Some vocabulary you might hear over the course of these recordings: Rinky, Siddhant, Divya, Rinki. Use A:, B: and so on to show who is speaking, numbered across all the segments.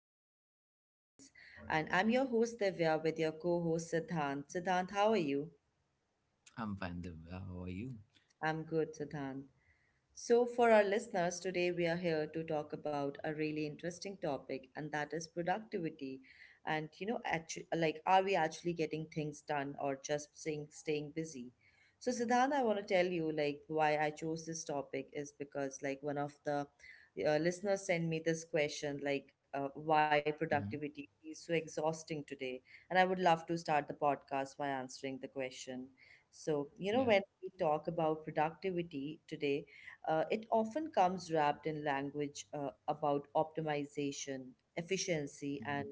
A: podcast series. And I'm your host, Divya, with your co host, Siddhant. Siddhant, how are you?
B: I'm fine, Divya. How are you?
A: I'm good, Siddhant. So, for our listeners, today we are here to talk about a really interesting topic, and that is productivity. And you know, are we actually getting things done or just staying busy? So, Siddhant, I want to tell you like why I chose this topic is because like one of the listeners sent me this question like why
B: Hmm
A: productivity is so exhausting today, and I would love to start the podcast by answering the question. So, you know, when
B: Yeah.
A: we talk about productivity today it often comes wrapped in language about optimization, efficiency,
B: hmm
A: and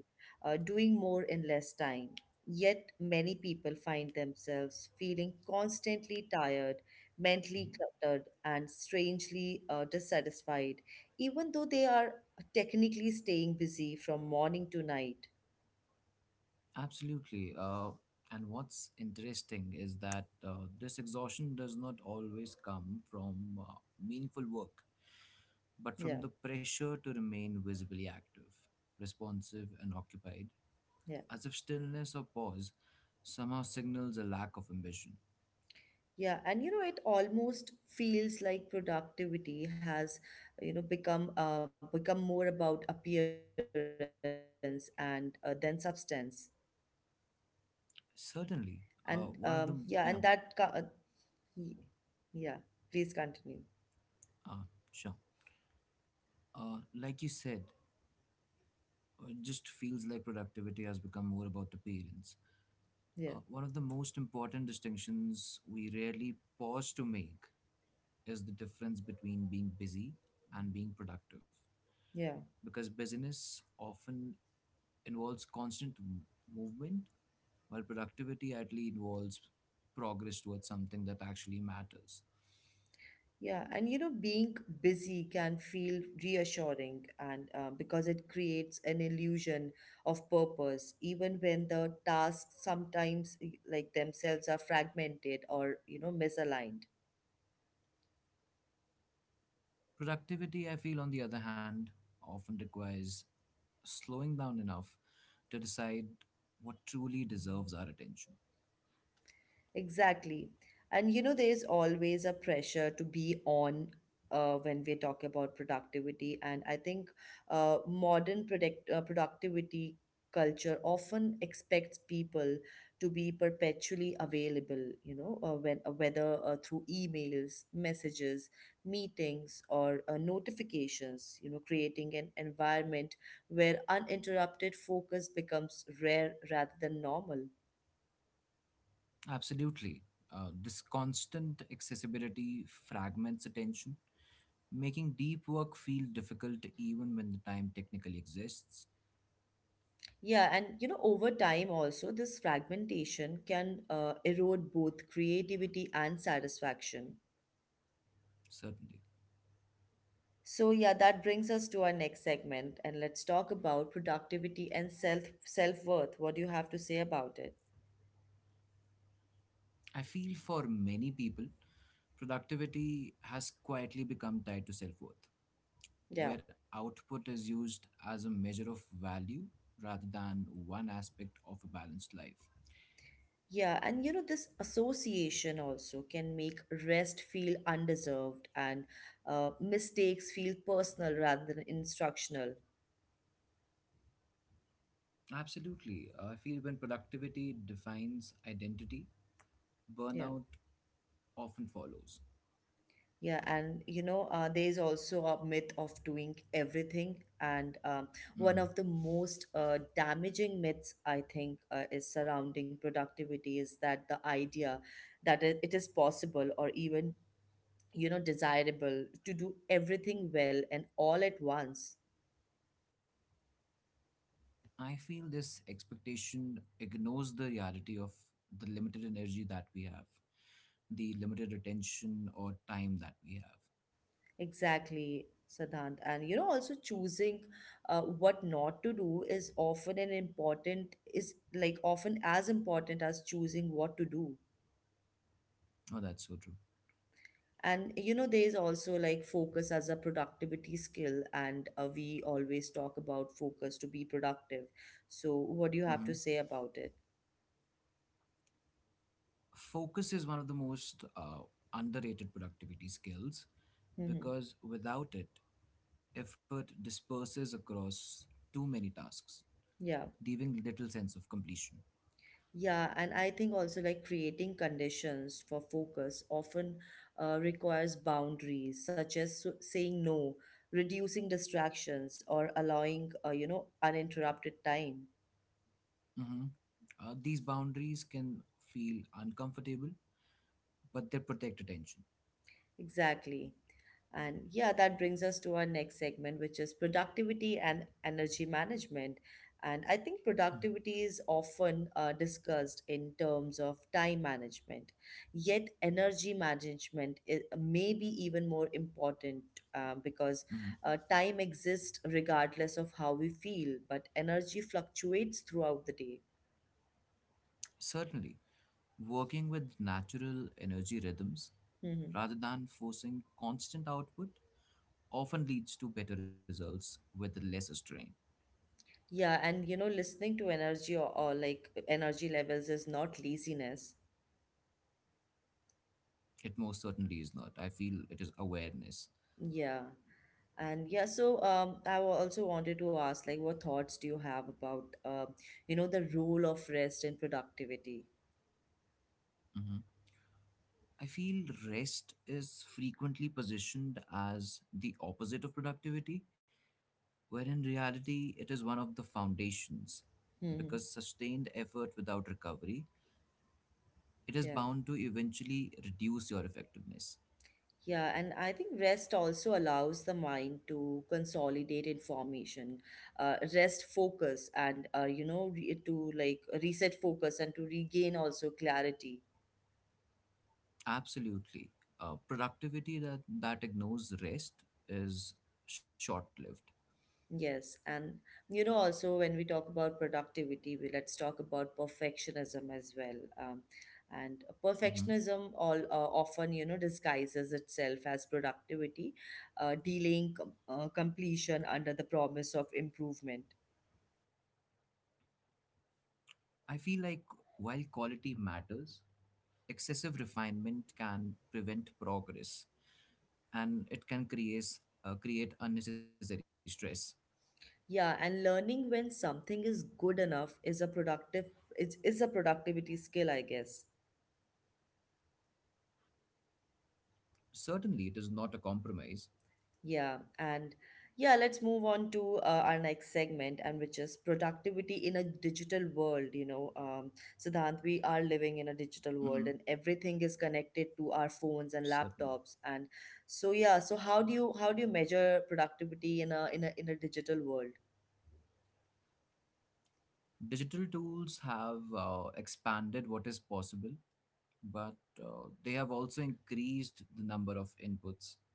A: doing more in less time. Yet, many people find themselves feeling constantly tired, mentally
B: hmm
A: cluttered, and strangely dissatisfied, even though they are technically staying busy from morning to night.
B: Absolutely. And what's interesting is that this exhaustion does not always come from meaningful work, but
A: Yeah,
B: from the pressure to remain visibly active, responsive, and occupied,
A: yeah.
B: as if stillness or pause somehow signals a lack of ambition.
A: Yeah, and you know, it almost feels like productivity has, you know, become more about appearance and than substance. And
B: Certainly,
A: yeah, and
B: one of them, yeah,
A: y- yeah, please continue.
B: uh, sure. Like you said, it just feels like productivity has become more about appearance.
A: Yeah,
B: One of the most important distinctions we rarely pause to make is the difference between being busy and being productive.
A: yeah,
B: Because busyness often involves movement, while productivity actually involves progress towards something that actually matters.
A: yeah. And you know, being busy can feel reassuring, and because it creates an illusion of purpose, even when the tasks sometimes themselves are fragmented or you know misaligned.
B: Productivity, I feel, on the other hand, often requires slowing down enough to decide what truly deserves our attention.
A: Exactly. And you know, there's always a pressure to be on when we talk about productivity. And I think productivity culture often expects people to be perpetually available, you know, whether through emails, messages, meetings, or notifications, you know, creating an environment where uninterrupted focus becomes rare rather than normal.
B: Absolutely. This constant accessibility fragments attention, making deep work feel difficult even when the time technically exists.
A: Yeah, and you know, over time also, this fragmentation can erode both creativity and satisfaction.
B: Certainly.
A: So yeah, that brings us to our next segment, and let's talk about productivity and self-worth. What do you have to say about it?
B: I feel for many people, productivity has quietly become tied to self worth,
A: Yeah.
B: where output is used as a measure of value rather than one aspect of a balanced life.
A: Yeah, and you know, this association also can make rest feel undeserved and mistakes feel personal rather than instructional.
B: Absolutely. I feel when productivity defines identity,
A: Yeah.
B: burnout often follows.
A: Yeah, and you know, there is also a myth of doing everything, and one
B: Hmm.
A: of the most damaging myths I think is surrounding productivity is that the idea that it is possible or even you know desirable to do everything well and all at once.
B: I feel this expectation ignores the reality of the limited energy that we have, the limited attention or time that we have.
A: Exactly, Siddhant, and you know, also choosing what not to do is often an important is like often as important as choosing what to do.
B: Oh, that's so true.
A: And you know, there is also like focus as a productivity skill, and we always talk about focus to be productive. So, what do you have
B: Hmm
A: to say about it?
B: Focus is one of the most underrated productivity skills
A: Hmm.
B: because without it, effort disperses across too many tasks,
A: Yeah.
B: leaving little sense of completion.
A: Yeah, and I think also like creating conditions for focus often requires boundaries, such as saying no, reducing distractions, or allowing, you know, uninterrupted time.
B: Hmm These boundaries can feel uncomfortable, but they protect attention.
A: Exactly. And yeah, that brings us to our next segment, which is productivity and energy management. And I think productivity is often discussed in terms of time management, yet, energy management is maybe even more important because
B: Hmm
A: time exists regardless of how we feel, but energy fluctuates throughout the day.
B: Certainly. Working with natural energy rhythms
A: Mhm.
B: rather than forcing constant output often leads to better results with less strain.
A: Yeah, and you know, listening to energy or like energy levels is not laziness.
B: It most certainly is not. I feel it is awareness.
A: Yeah. And yeah, so also wanted to ask, like, what thoughts do you have about, you know, the role of rest in productivity?
B: Mhm. I feel rest is frequently positioned as the opposite of productivity, where in reality it is one of the foundations.
A: Hmm.
B: Because sustained effort without recovery, it is
A: Yeah.
B: bound to eventually reduce your effectiveness.
A: Yeah, and I think rest also allows the mind to consolidate information, rest focus, and you know, to like reset focus and to regain also clarity.
B: Absolutely. Productivity that ignores rest is short lived.
A: Yes, and you know, also when we talk about productivity, we let's talk about perfectionism as well. And
B: Hmm
A: perfectionism all often, you know, disguises itself as productivity, delaying completion under the promise of improvement.
B: I feel like while quality matters, excessive refinement can prevent progress and it can create unnecessary stress.
A: Yeah, and learning when something is good enough is a productive is a productivity skill, I guess.
B: Certainly, it is not a compromise.
A: Yeah, and yeah, let's move on to our next segment, and which is productivity in a digital world. You know, Siddhant, we are living in a digital world,
B: Hmm
A: and everything is connected to our phones and laptops.
B: Certainly.
A: And so, yeah, so how do you measure productivity in a in a in a digital world?
B: Digital tools have expanded what is possible, but they have also increased the number of inputs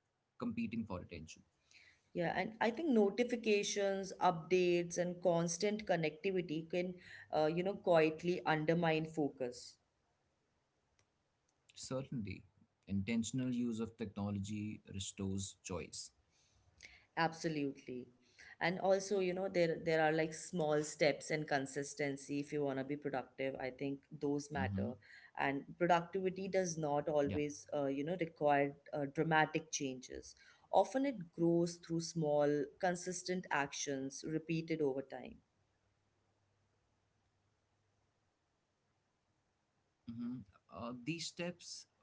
B: competing for attention.
A: Yeah, and I think notifications, updates, and constant connectivity can, you know, quietly undermine focus.
B: Certainly, intentional use of technology restores choice.
A: Absolutely. And also, you know, there are like small steps and consistency if you want to be productive. I think those
B: Hmm
A: matter. And productivity does not
B: Yeah.
A: always, you know, require dramatic changes. Often it grows through small, consistent actions repeated over time.
B: hmm These steps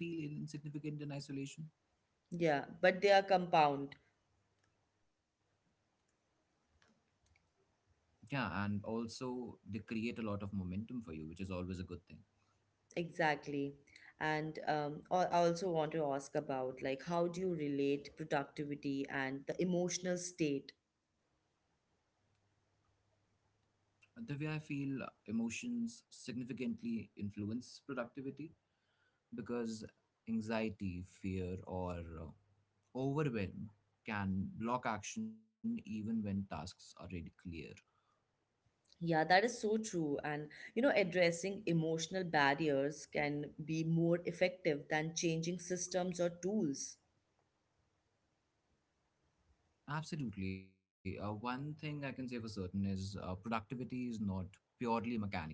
B: may feel insignificant in isolation.
A: Yeah, but they are compound.
B: Yeah, and also they create a lot of momentum for you, which is always a good thing.
A: Exactly. And I also want to ask about like how do you relate productivity and the emotional state.
B: The way I feel emotions significantly influence productivity because anxiety, fear, or overwhelm can block action even when tasks are really clear.
A: Yeah, that is so true. And, you know, addressing emotional barriers can be more effective than changing systems or tools.
B: Absolutely. One thing I can say for certain is productivity is not purely mechanical.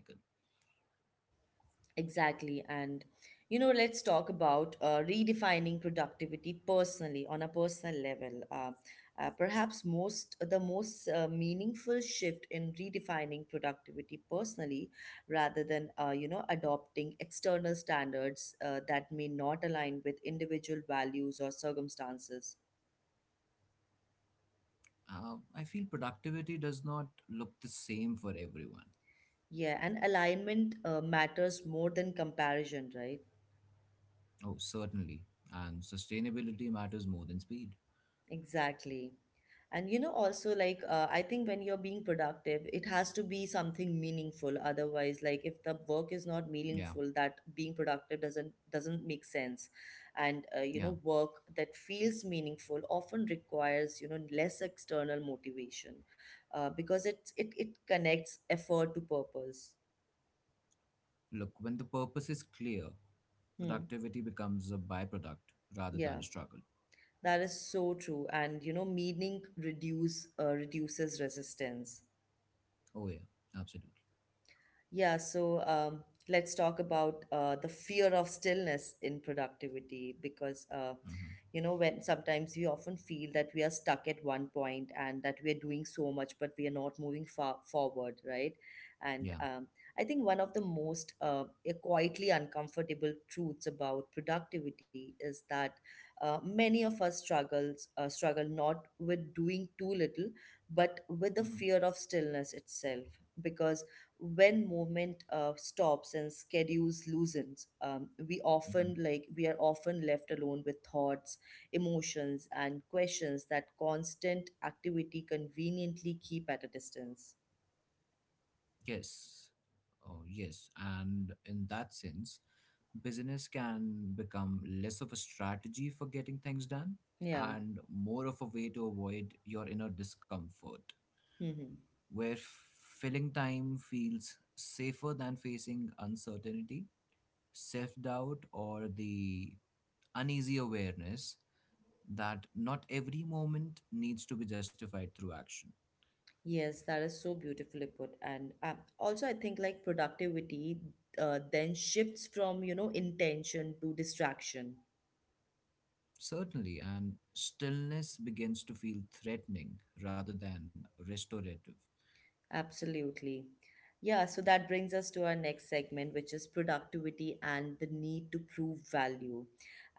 A: Exactly. And, you know, let's talk about redefining productivity personally on a personal level. Perhaps most the most meaningful shift in redefining productivity personally rather than you know adopting external standards that may not align with individual values or circumstances.
B: I feel productivity does not look the same for everyone.
A: Yeah, and alignment matters more than comparison, right?
B: Oh, certainly. And sustainability matters more than speed.
A: Exactly. And you know, also, I think when you're being productive, it has to be something meaningful. Otherwise, like, if the work is not
B: Yeah,
A: meaningful, that being productive doesn't make sense. And you
B: yeah.
A: know, work that feels meaningful often requires you know less external motivation, because it connects effort to purpose.
B: Look, when the purpose is clear,
A: Hmm.
B: productivity becomes a byproduct rather
A: Yeah.
B: than a struggle.
A: That is so true. And you know, meaning reduce reduces resistance.
B: Oh, yeah, absolutely.
A: Yeah, so let's talk about the fear of stillness in productivity because,
B: Hmm
A: you know, when sometimes we often feel that we are stuck at one point and that we are doing so much, but we are not moving far forward, right? And
B: Yeah.
A: I think one of the most quietly uncomfortable truths about productivity is that many of us struggle not with doing too little, but with the
B: hmm
A: fear of stillness itself because when movement stops and schedules loosens we
B: hmm
A: often like we are often left alone with thoughts, emotions, and questions that constant activity conveniently keep at a distance.
B: Yes. Oh, yes. And in that sense, business can become less of a strategy for getting things done
A: Yeah.
B: and more of a way to avoid your inner discomfort,
A: Hmm.
B: where filling time feels safer than facing uncertainty, self doubt, or the uneasy awareness that not every moment needs to be justified through action.
A: Yes, that is so beautifully put. And also I think like productivity then shifts from you know intention to distraction.
B: Certainly, and stillness begins to feel threatening rather than restorative.
A: Absolutely. Yeah, so that brings us to our next segment, which is productivity and the need to prove value.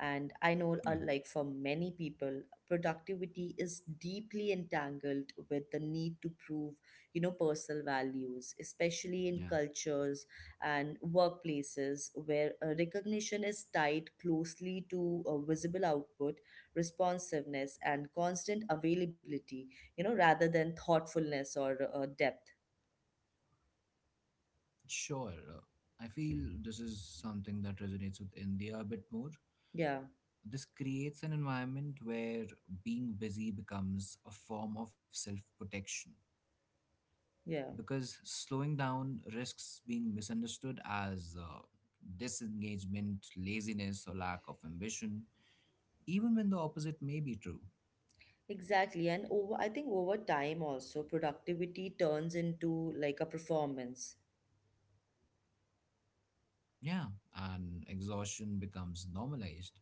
A: And I know,
B: Yeah,
A: like for many people, productivity is deeply entangled with the need to prove, you know, personal values, especially in
B: yeah,
A: cultures and workplaces where recognition is tied closely to visible output, responsiveness, and constant availability, you know, rather than thoughtfulness or depth.
B: sure. I feel this is something that resonates with India a bit more.
A: Yeah,
B: This creates an environment where being busy becomes a form of self protection
A: yeah,
B: because slowing down risks being misunderstood as disengagement, laziness, or lack of ambition, even when the opposite may be true.
A: exactly. And over, I think over time also, productivity turns into like a performance.
B: Yeah, and exhaustion becomes normalized.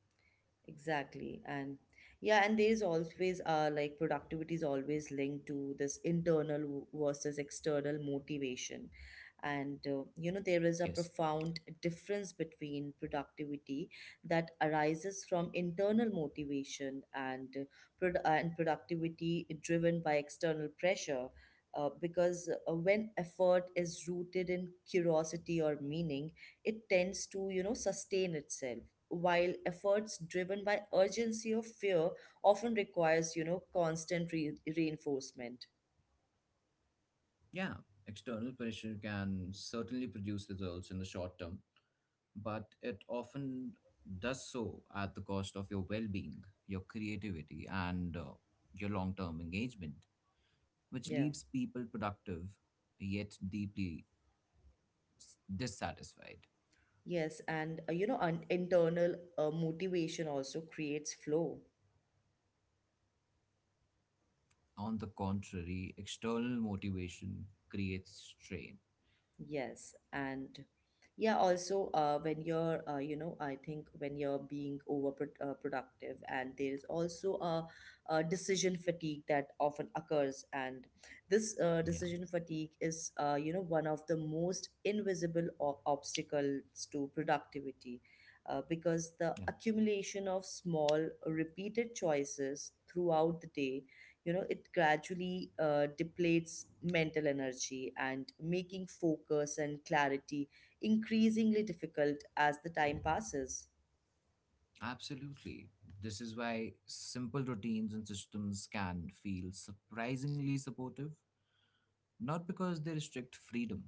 A: Exactly. And yeah, and there's always like productivity is always linked to this internal versus external motivation. And you know, there is a
B: Yes.
A: profound difference between productivity that arises from internal motivation and productivity driven by external pressure. Because when effort is rooted in curiosity or meaning, it tends to, you know, sustain itself while efforts driven by urgency or fear often requires you know constant reinforcement.
B: Yeah, external pressure can certainly produce results in the short term, but it often does so at the cost of your well being, your creativity, and your long term engagement, which
A: Yeah.
B: leaves people productive yet deeply dissatisfied.
A: Yes, and you know an internal motivation also creates flow.
B: On the contrary, external motivation creates strain.
A: Yes, and yeah, also you know, I think when you're being over pro productive, and there is also a decision fatigue that often occurs, and this
B: Yeah,
A: decision fatigue is, you know, one of the most invisible obstacles to productivity, because the
B: yeah.
A: accumulation of small, repeated choices throughout the day, you know, it gradually depletes mental energy and making focus and clarity increasingly difficult as the time passes.
B: Absolutely. This is why simple routines and systems can feel surprisingly supportive, not because they restrict freedom,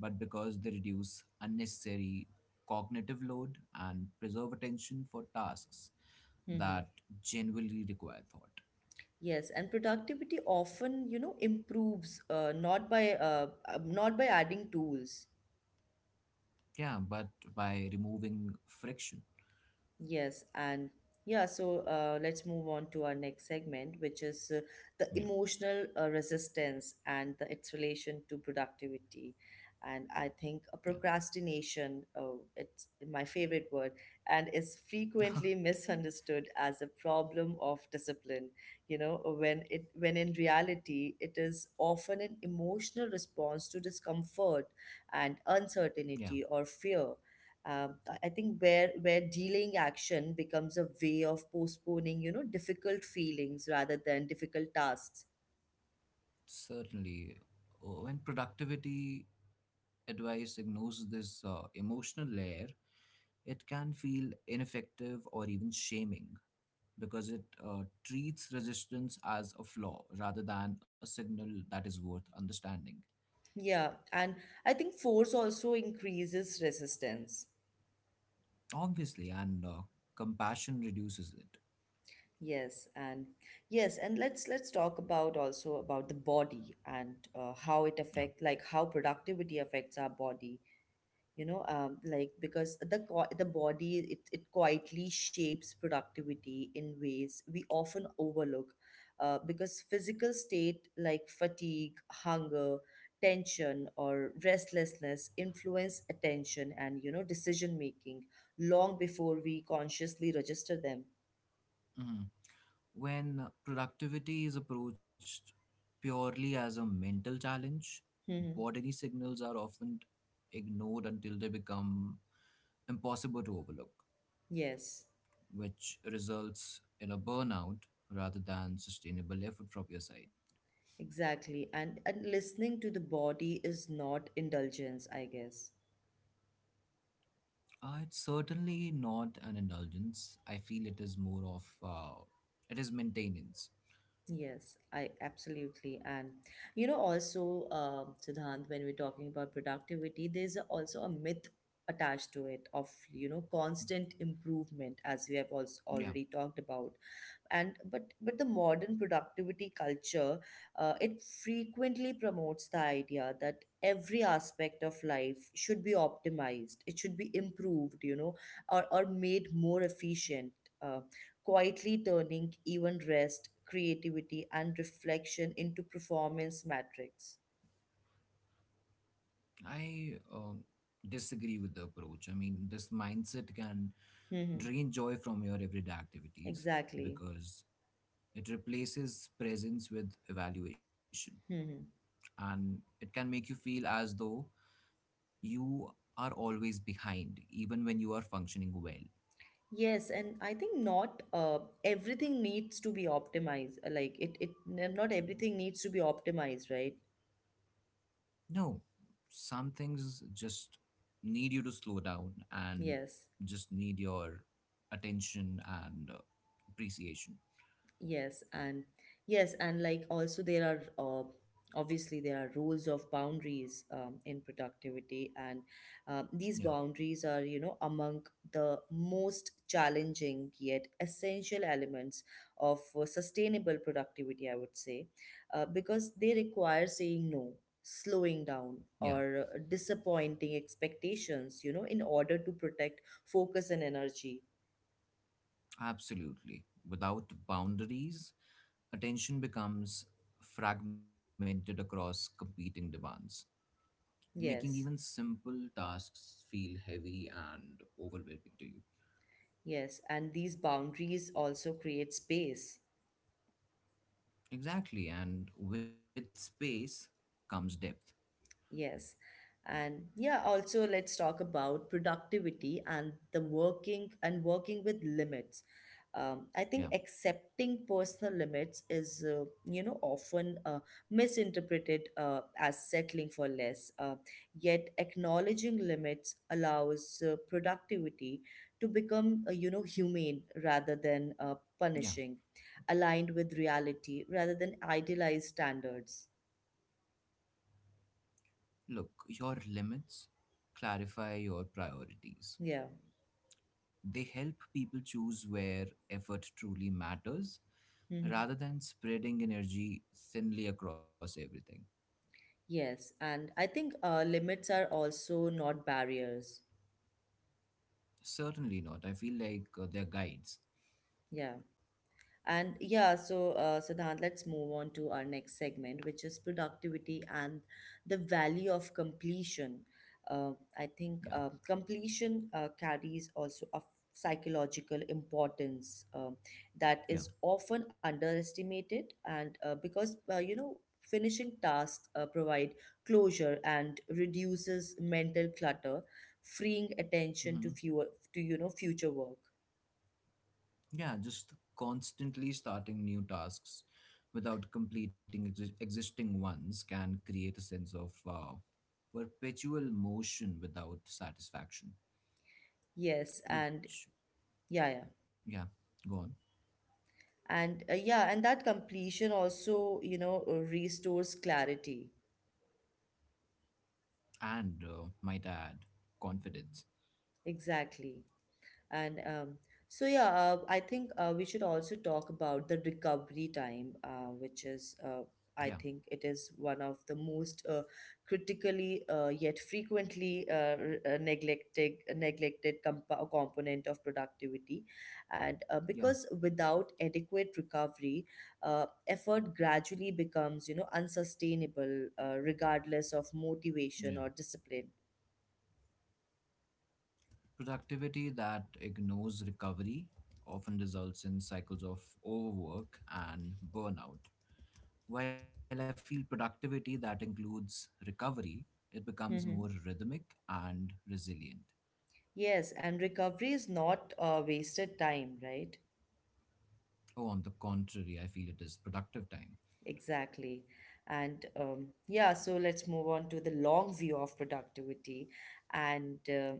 B: but because they reduce unnecessary cognitive load and preserve attention for tasks
A: Hmm.
B: that genuinely require thought.
A: Yes, and productivity often, you know, improves not by adding tools.
B: Yeah, but by removing friction.
A: Yes, and yeah, so let's move on to our next segment, which is the
B: Yeah,
A: emotional resistance and its relation to productivity. And I think
B: yeah,
A: procrastination, it's my favorite word, and is frequently misunderstood as a problem of discipline. You know, when in reality, it is often an emotional response to discomfort and
B: yeah,
A: uncertainty or fear, I think where delaying action becomes a way of postponing, you know, difficult feelings rather than difficult tasks.
B: certainly. When productivity advice ignores this emotional layer, it can feel ineffective or even shaming because it treats resistance as a flaw rather than a signal that is worth understanding.
A: Yeah, and I think force also increases resistance.
B: Obviously, and compassion reduces it.
A: Yes, and yes, and let's talk about also about the body and
B: Yeah.
A: how productivity affects our body. Because the body it quietly shapes productivity in ways we often overlook, because physical state like fatigue, hunger, tension or restlessness influence attention and decision making long before we consciously register them.
B: Mhm. When productivity is approached purely as a mental challenge,
A: Mhm.
B: bodily signals are often ignored until they become impossible to overlook,
A: Yes,
B: which results in a burnout rather than sustainable effort from your side.
A: exactly, and listening to the body is not indulgence, I guess.
B: It's certainly not an indulgence. I feel it is more of it is maintenance.
A: Yes, I absolutely. And also, Siddhant, when we're talking about productivity, there's also a myth attached to it of, constant improvement, as we have also
B: Yeah,
A: already talked about. And but but the modern productivity culture, it frequently promotes the idea that every aspect of life should be optimized, it should be improved, or made more efficient, uh, quietly turning even rest, creativity and reflection into performance metrics.
B: I disagree with the approach. I mean, this mindset can
A: Hmm
B: drain joy from your everyday activities
A: exactly.
B: because it replaces presence with evaluation
A: hmm
B: and it can make you feel as though you are always behind even when you are functioning well.
A: Yes, and I think not everything needs to be optimized. Like not everything needs to be optimized, right?
B: No, some things just need you to slow down and
A: Yes.
B: just need your attention and appreciation.
A: Yes, and like also there are, obviously there are rules of boundaries in productivity, and these
B: Yeah,
A: boundaries are, you know, among the most challenging yet essential elements of sustainable productivity, I would say, because they require saying no, slowing down,
B: yeah,
A: or disappointing expectations, you know, in order to protect focus and energy.
B: absolutely. Without boundaries, attention becomes fragmented across competing demands, making even
A: Yes.
B: simple tasks feel heavy and overwhelming to you.
A: Yes, and these boundaries also create space.
B: Exactly, and with space comes depth.
A: Yes. And yeah, also let's talk about productivity and the working and working with limits. I think
B: Yeah,
A: accepting personal limits is, you know, often misinterpreted as settling for less. Yet, acknowledging limits allows productivity to become, you know, humane rather than
B: yeah.
A: punishing, aligned with reality rather than idealized standards.
B: Look, your limits clarify your priorities.
A: Yeah.
B: They help people choose where effort truly matters rather
A: hmm
B: than spreading energy thinly across everything.
A: Yes, and I think limits are also not barriers.
B: Certainly not. I feel like they're guides.
A: Yeah. And yeah, so Siddhant, let's move on to our next segment, which is productivity and the value of completion. Uh, I think
B: Yeah,
A: uh, completion carries also a psychological importance that is
B: yeah.
A: often underestimated, and because finishing tasks provide closure and reduces mental clutter, freeing attention to
B: hmm
A: fewer to you know, future work.
B: Yeah, just constantly starting new tasks without existing ones can create a sense of perpetual motion without satisfaction,
A: Yes, and
B: which,
A: yeah, yeah.
B: yeah, go on.
A: And that completion also, restores clarity.
B: And might add confidence.
A: Exactly. And I think we should also talk about the recovery time, which, I
B: Yeah,
A: think, it is one of the most critically, yet frequently neglected component of productivity, and
B: yeah,
A: because without adequate recovery, effort gradually becomes, you know, unsustainable, regardless of
B: yeah.
A: motivation or discipline.
B: Productivity that ignores recovery often results in cycles of overwork and burnout. While I feel productivity that includes recovery, it becomes more rhythmic and resilient.
A: Yes, and recovery is not wasted time, right?
B: Oh, on the contrary, I feel it is productive time.
A: Exactly. And yeah, so let's move on to the long view of productivity and,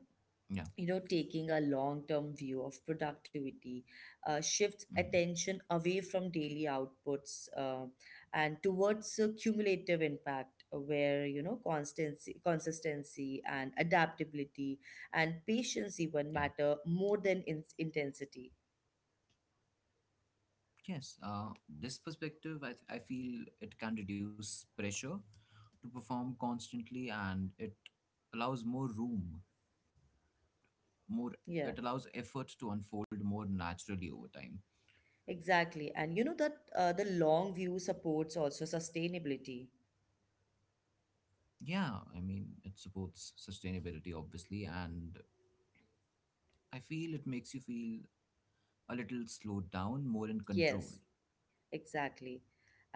B: Yeah,
A: you know, taking a long term view of productivity shifts attention
B: mhm,
A: away from daily outputs and towards a cumulative impact, where, you know, constancy, consistency and adaptability and patience even
B: yeah.
A: matter more than intensity.
B: Yes, this perspective, I feel it can reduce pressure to perform constantly and it allows more room, more,
A: Yeah.
B: it allows effort to unfold more naturally over time.
A: Exactly. And you know that the long view supports also sustainability.
B: Yeah, I mean, it supports sustainability, obviously, and I feel it makes you feel a little slowed down, more in
A: Yes,
B: control.
A: exactly.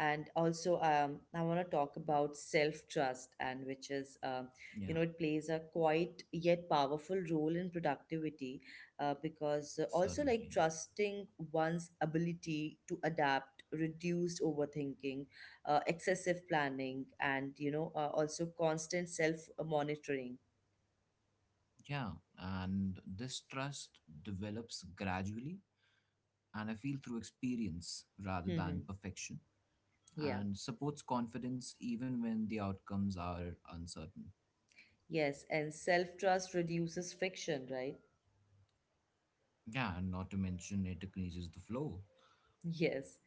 A: And also, I want to talk about self-trust, and which is, you
B: Yeah,
A: know, it plays a quite yet powerful role in productivity, because also, like,
B: certainly. Yeah.
A: trusting one's ability to adapt, reduced overthinking, excessive planning, and also constant self-monitoring.
B: Yeah, and this trust develops gradually, and I feel through experience rather than perfection.
A: Yeah.
B: And supports confidence even when the outcomes are uncertain.
A: Yes, and self trust reduces friction, right?
B: Yeah, and not to mention it increases the flow.
A: Yes.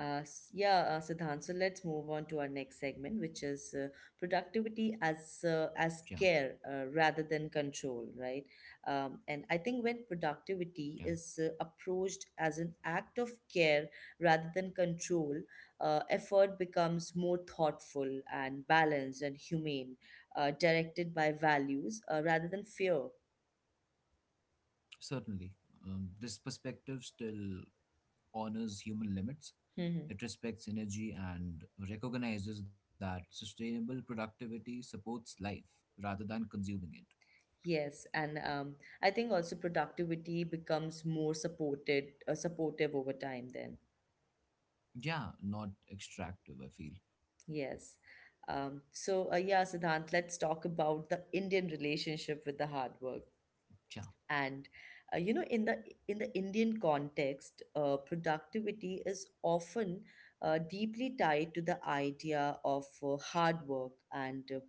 A: Siddhant, so let's move on to our next segment, which is productivity as, as
B: Yeah,
A: care, rather than control, right? And I think when productivity
B: yeah,
A: is approached as an act of care rather than control, effort becomes more thoughtful and balanced and humane, directed by values rather than fear.
B: certainly. This perspective still honors human limits. It respects energy and recognizes that sustainable productivity supports life rather than consuming it.
A: Yes, and I think also productivity becomes more supportive over time then.
B: Yeah, not extractive, I feel.
A: Yes. So yeah, Siddhant, let's talk about the Indian relationship with the hard work.
B: Yeah,
A: And you know, in the Indian context, productivity is often deeply tied to the idea of hard work, and uh,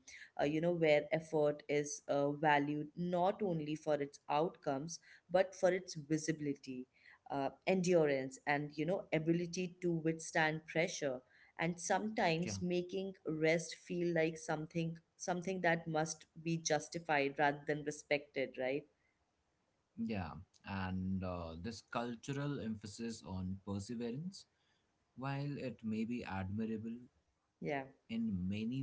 A: uh, you know, where effort is valued not only for its outcomes, but for its visibility, endurance and you know, ability to withstand pressure, and
B: yeah,
A: sometimes making rest feel like something that must be justified rather than respected, right?
B: yeah. And this cultural emphasis on perseverance while it may be admirable
A: yeah
B: in many ways,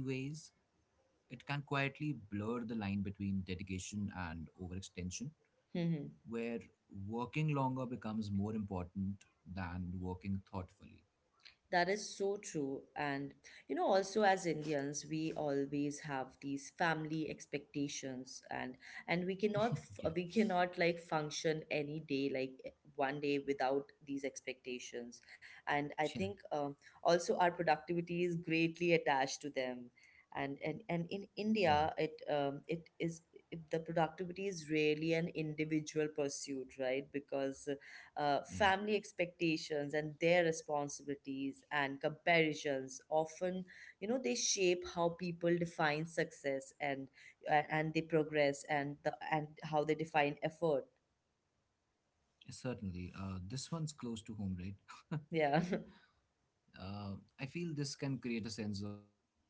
B: it can quietly blur the line between dedication and overextension,
A: hmm
B: where working longer becomes more important than working thoughtfully.
A: That is so true. And, you know, also as Indians, we always have these family expectations, and
B: Yeah,
A: we cannot, like, function any day, like, one day without these expectations. And I
B: yeah,
A: think also our productivity is greatly attached to them. And in
B: yeah,
A: India, the productivity is really an individual pursuit, right? Because
B: yeah.
A: family expectations and their responsibilities and comparisons often, you know, they shape how people define success, and and they progress and the and how they define effort.
B: Certainly. This one's close to home, right?
A: Yeah.
B: Uh, I feel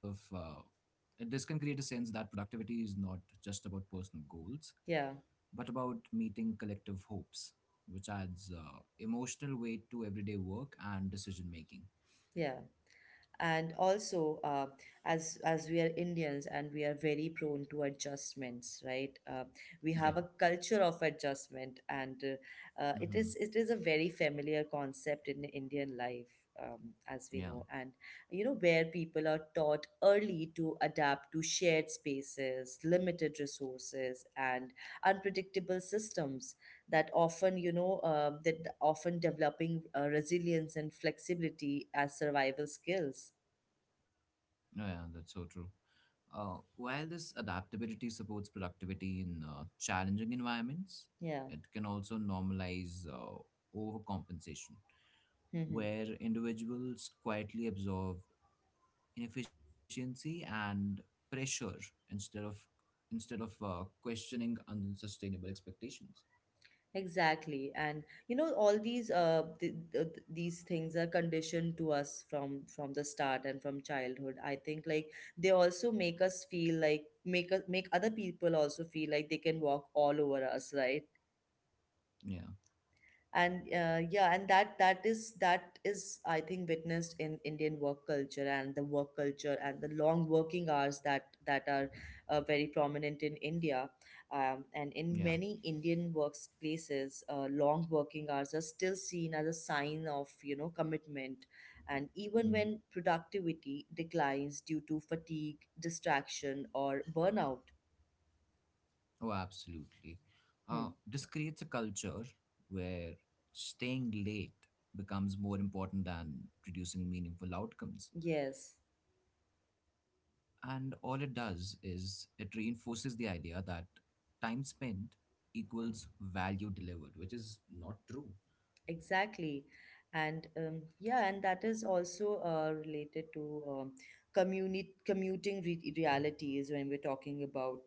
B: this can create a sense that productivity is not just about personal goals,
A: yeah
B: but about meeting collective hopes, which adds emotional weight to everyday work and decision making.
A: yeah and also, as we are Indians and we are very prone to adjustments, right? We
B: Yeah.
A: have a culture of adjustment, and
B: hmm
A: it is a very familiar concept in Indian life, as we
B: Yeah.
A: know. And you know, where people are taught early to adapt to shared spaces, limited resources and unpredictable systems that often, that often developing resilience and flexibility as survival skills.
B: No, yeah, that's so true. While this adaptability supports productivity in challenging environments,
A: Yeah.
B: it can also normalize overcompensation,
A: hmm
B: where individuals quietly absorb inefficiency and pressure instead of instead of questioning unsustainable expectations.
A: Exactly. And you know, all these these things are conditioned to us from the start and from childhood. I think, like, they also make us feel like, make us make other people also feel like they can walk all over us, right?
B: Yeah.
A: And yeah, and that is, that is, I think, witnessed in Indian work culture, and the long working hours that are very prominent in India. And in
B: Yeah.
A: many Indian workplaces, long working hours are still seen as a sign of, you know, commitment, and even
B: Hmm.
A: when productivity declines due to fatigue, distraction or burnout.
B: Oh, absolutely.
A: Hmm.
B: This creates a culture where staying late becomes more important than producing meaningful outcomes.
A: Yes,
B: And all it does is it reinforces the idea that time spent equals value delivered, which is not true.
A: exactly. And yeah, and that is also related to, commuting realities. When we're talking about,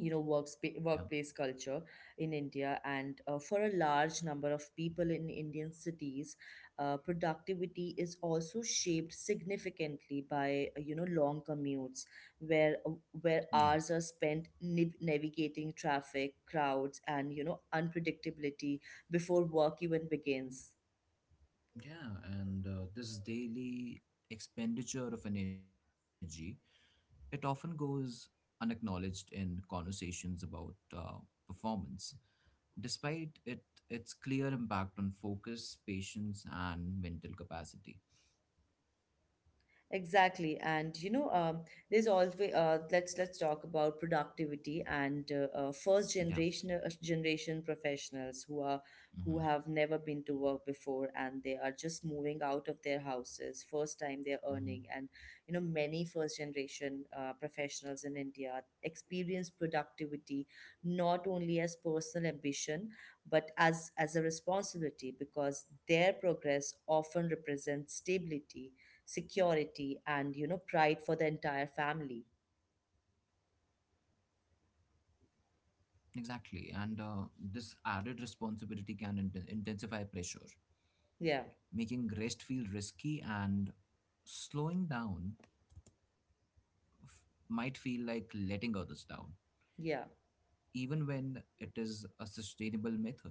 A: you know, workspace
B: Yeah.
A: workplace culture in India, and for a large number of people in Indian cities, productivity is also shaped significantly by you know, long commutes, where uh,
B: Yeah.
A: where hours are spent navigating traffic, crowds and, you know, unpredictability before work even begins.
B: Yeah. And this daily expenditure of energy, it often goes unacknowledged in conversations about performance, despite it its clear impact on focus, patience, and mental capacity.
A: Exactly, and you know, there's always let's talk about productivity and first
B: Yeah.
A: generation, professionals who are, who
B: hmm
A: have never been to work before and they are just moving out of their houses first time they're
B: hmm
A: earning. And you know, many first generation professionals in India experience productivity not only as personal ambition but as a responsibility, because their progress often represents stability, security and, you know, pride for the entire family.
B: Exactly. And this added responsibility can intensify pressure,
A: Yeah
B: making rest feel risky, and slowing down f- might feel like letting others down,
A: yeah
B: even when it is a sustainable method.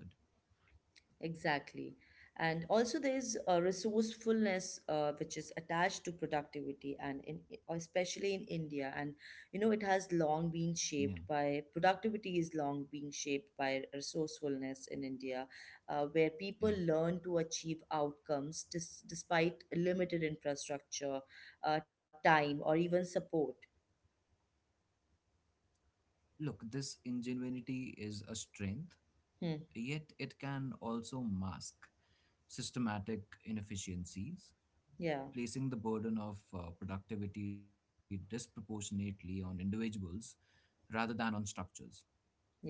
A: exactly. And also there is a resourcefulness which is attached to productivity, and in, especially in India. And you know, it has long
B: Yeah.
A: been shaped by productivity is long being shaped by resourcefulness in India, where
B: Yeah.
A: people learn to achieve outcomes despite limited infrastructure, time or even support.
B: Look, this ingenuity is a strength,
A: Hmm.
B: yet it can also mask systematic inefficiencies,
A: yeah
B: placing the burden of productivity disproportionately on individuals rather than on structures.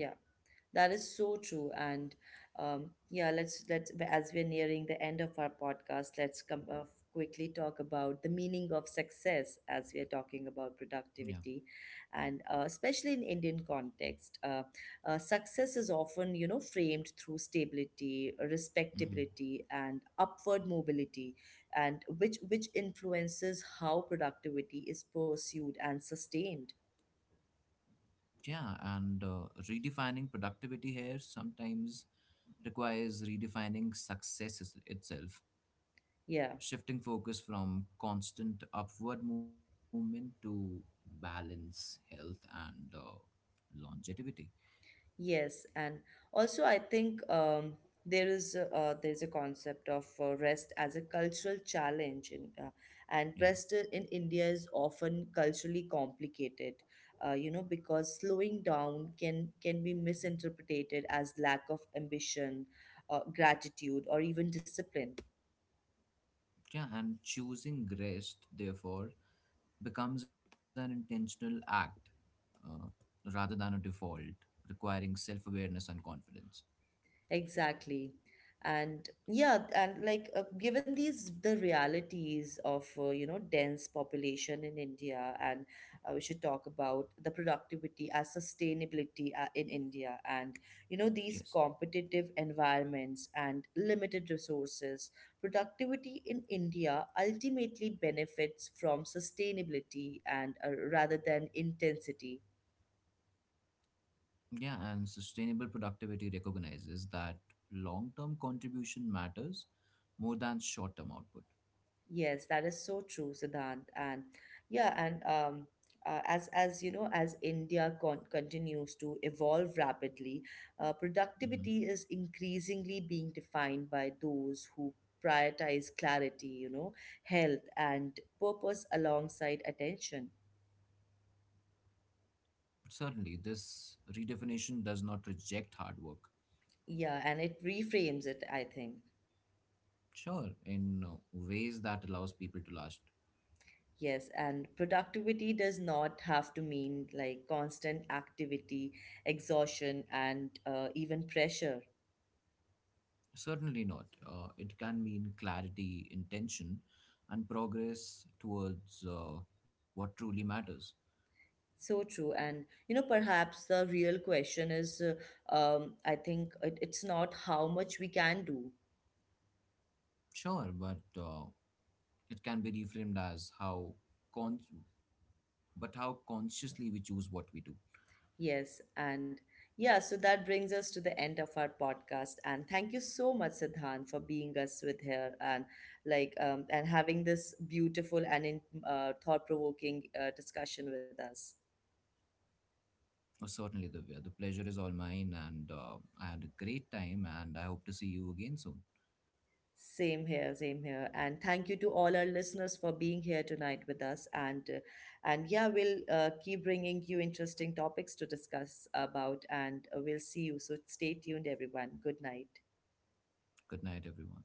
A: yeah. That is so true. And yeah, let's, as we're nearing the end of our podcast, let's come quickly talk about the meaning of success. As we are talking
B: Yeah.
A: about productivity, and especially in Indian context, success is often, you know, framed through stability,
B: Mhm.
A: respectability, and upward mobility, and which influences how productivity is pursued and sustained.
B: Yeah, and redefining productivity here sometimes requires redefining itself,
A: Yeah.
B: shifting focus from constant upward movement to balance, health, and longevity.
A: Yes, and also I think there is a concept of rest as a cultural challenge, and
B: Yeah.
A: rest in India is often culturally complicated. You know, because slowing down can be misinterpreted as lack of ambition, gratitude, or even discipline.
B: Yeah. And choosing rest, therefore, becomes an intentional act uh, rather than a default, requiring self awareness and confidence.
A: Exactly. And yeah, and like, given these the realities of, you know, dense population in India, and we should talk about the productivity as sustainability in India, and you know, these
B: Yes.
A: competitive environments and limited resources. Productivity in India ultimately benefits from sustainability and, rather than intensity.
B: Yeah. And sustainable productivity recognizes that long term contribution matters more than short term output.
A: Yes, that is so true, Siddhant. And yeah, and as you know, as India continues to evolve rapidly,
B: Mhm.
A: productivity is increasingly being defined by those who prioritize clarity, you know, health and purpose alongside attention.
B: Certainly, this redefinition does not reject hard work.
A: Yeah, and it reframes it, I think.
B: Sure, in ways that allows people to last.
A: Yes, and productivity does not have to mean, like, constant activity, exhaustion, and even pressure.
B: Certainly not. It can mean clarity, intention, and progress towards what truly matters.
A: So true. And, you know, perhaps the real question is, I think it, it's not how much we can do.
B: Sure, but it can be reframed as con- but how consciously we choose what we do.
A: Yes. And yeah, so that brings us to the end of our podcast. And thank you so much, Siddhan, for being us with here, and like, and having this beautiful and thought provoking discussion with us.
B: Oh, certainly, Divya. The pleasure is all mine, and I had a great time, and I hope to see you again soon.
A: Same here, same here. And thank you to all our listeners for being here tonight with us. And yeah, we'll keep bringing you interesting topics to discuss about, and we'll see you. So stay tuned, everyone. Good night.
B: Good night, everyone.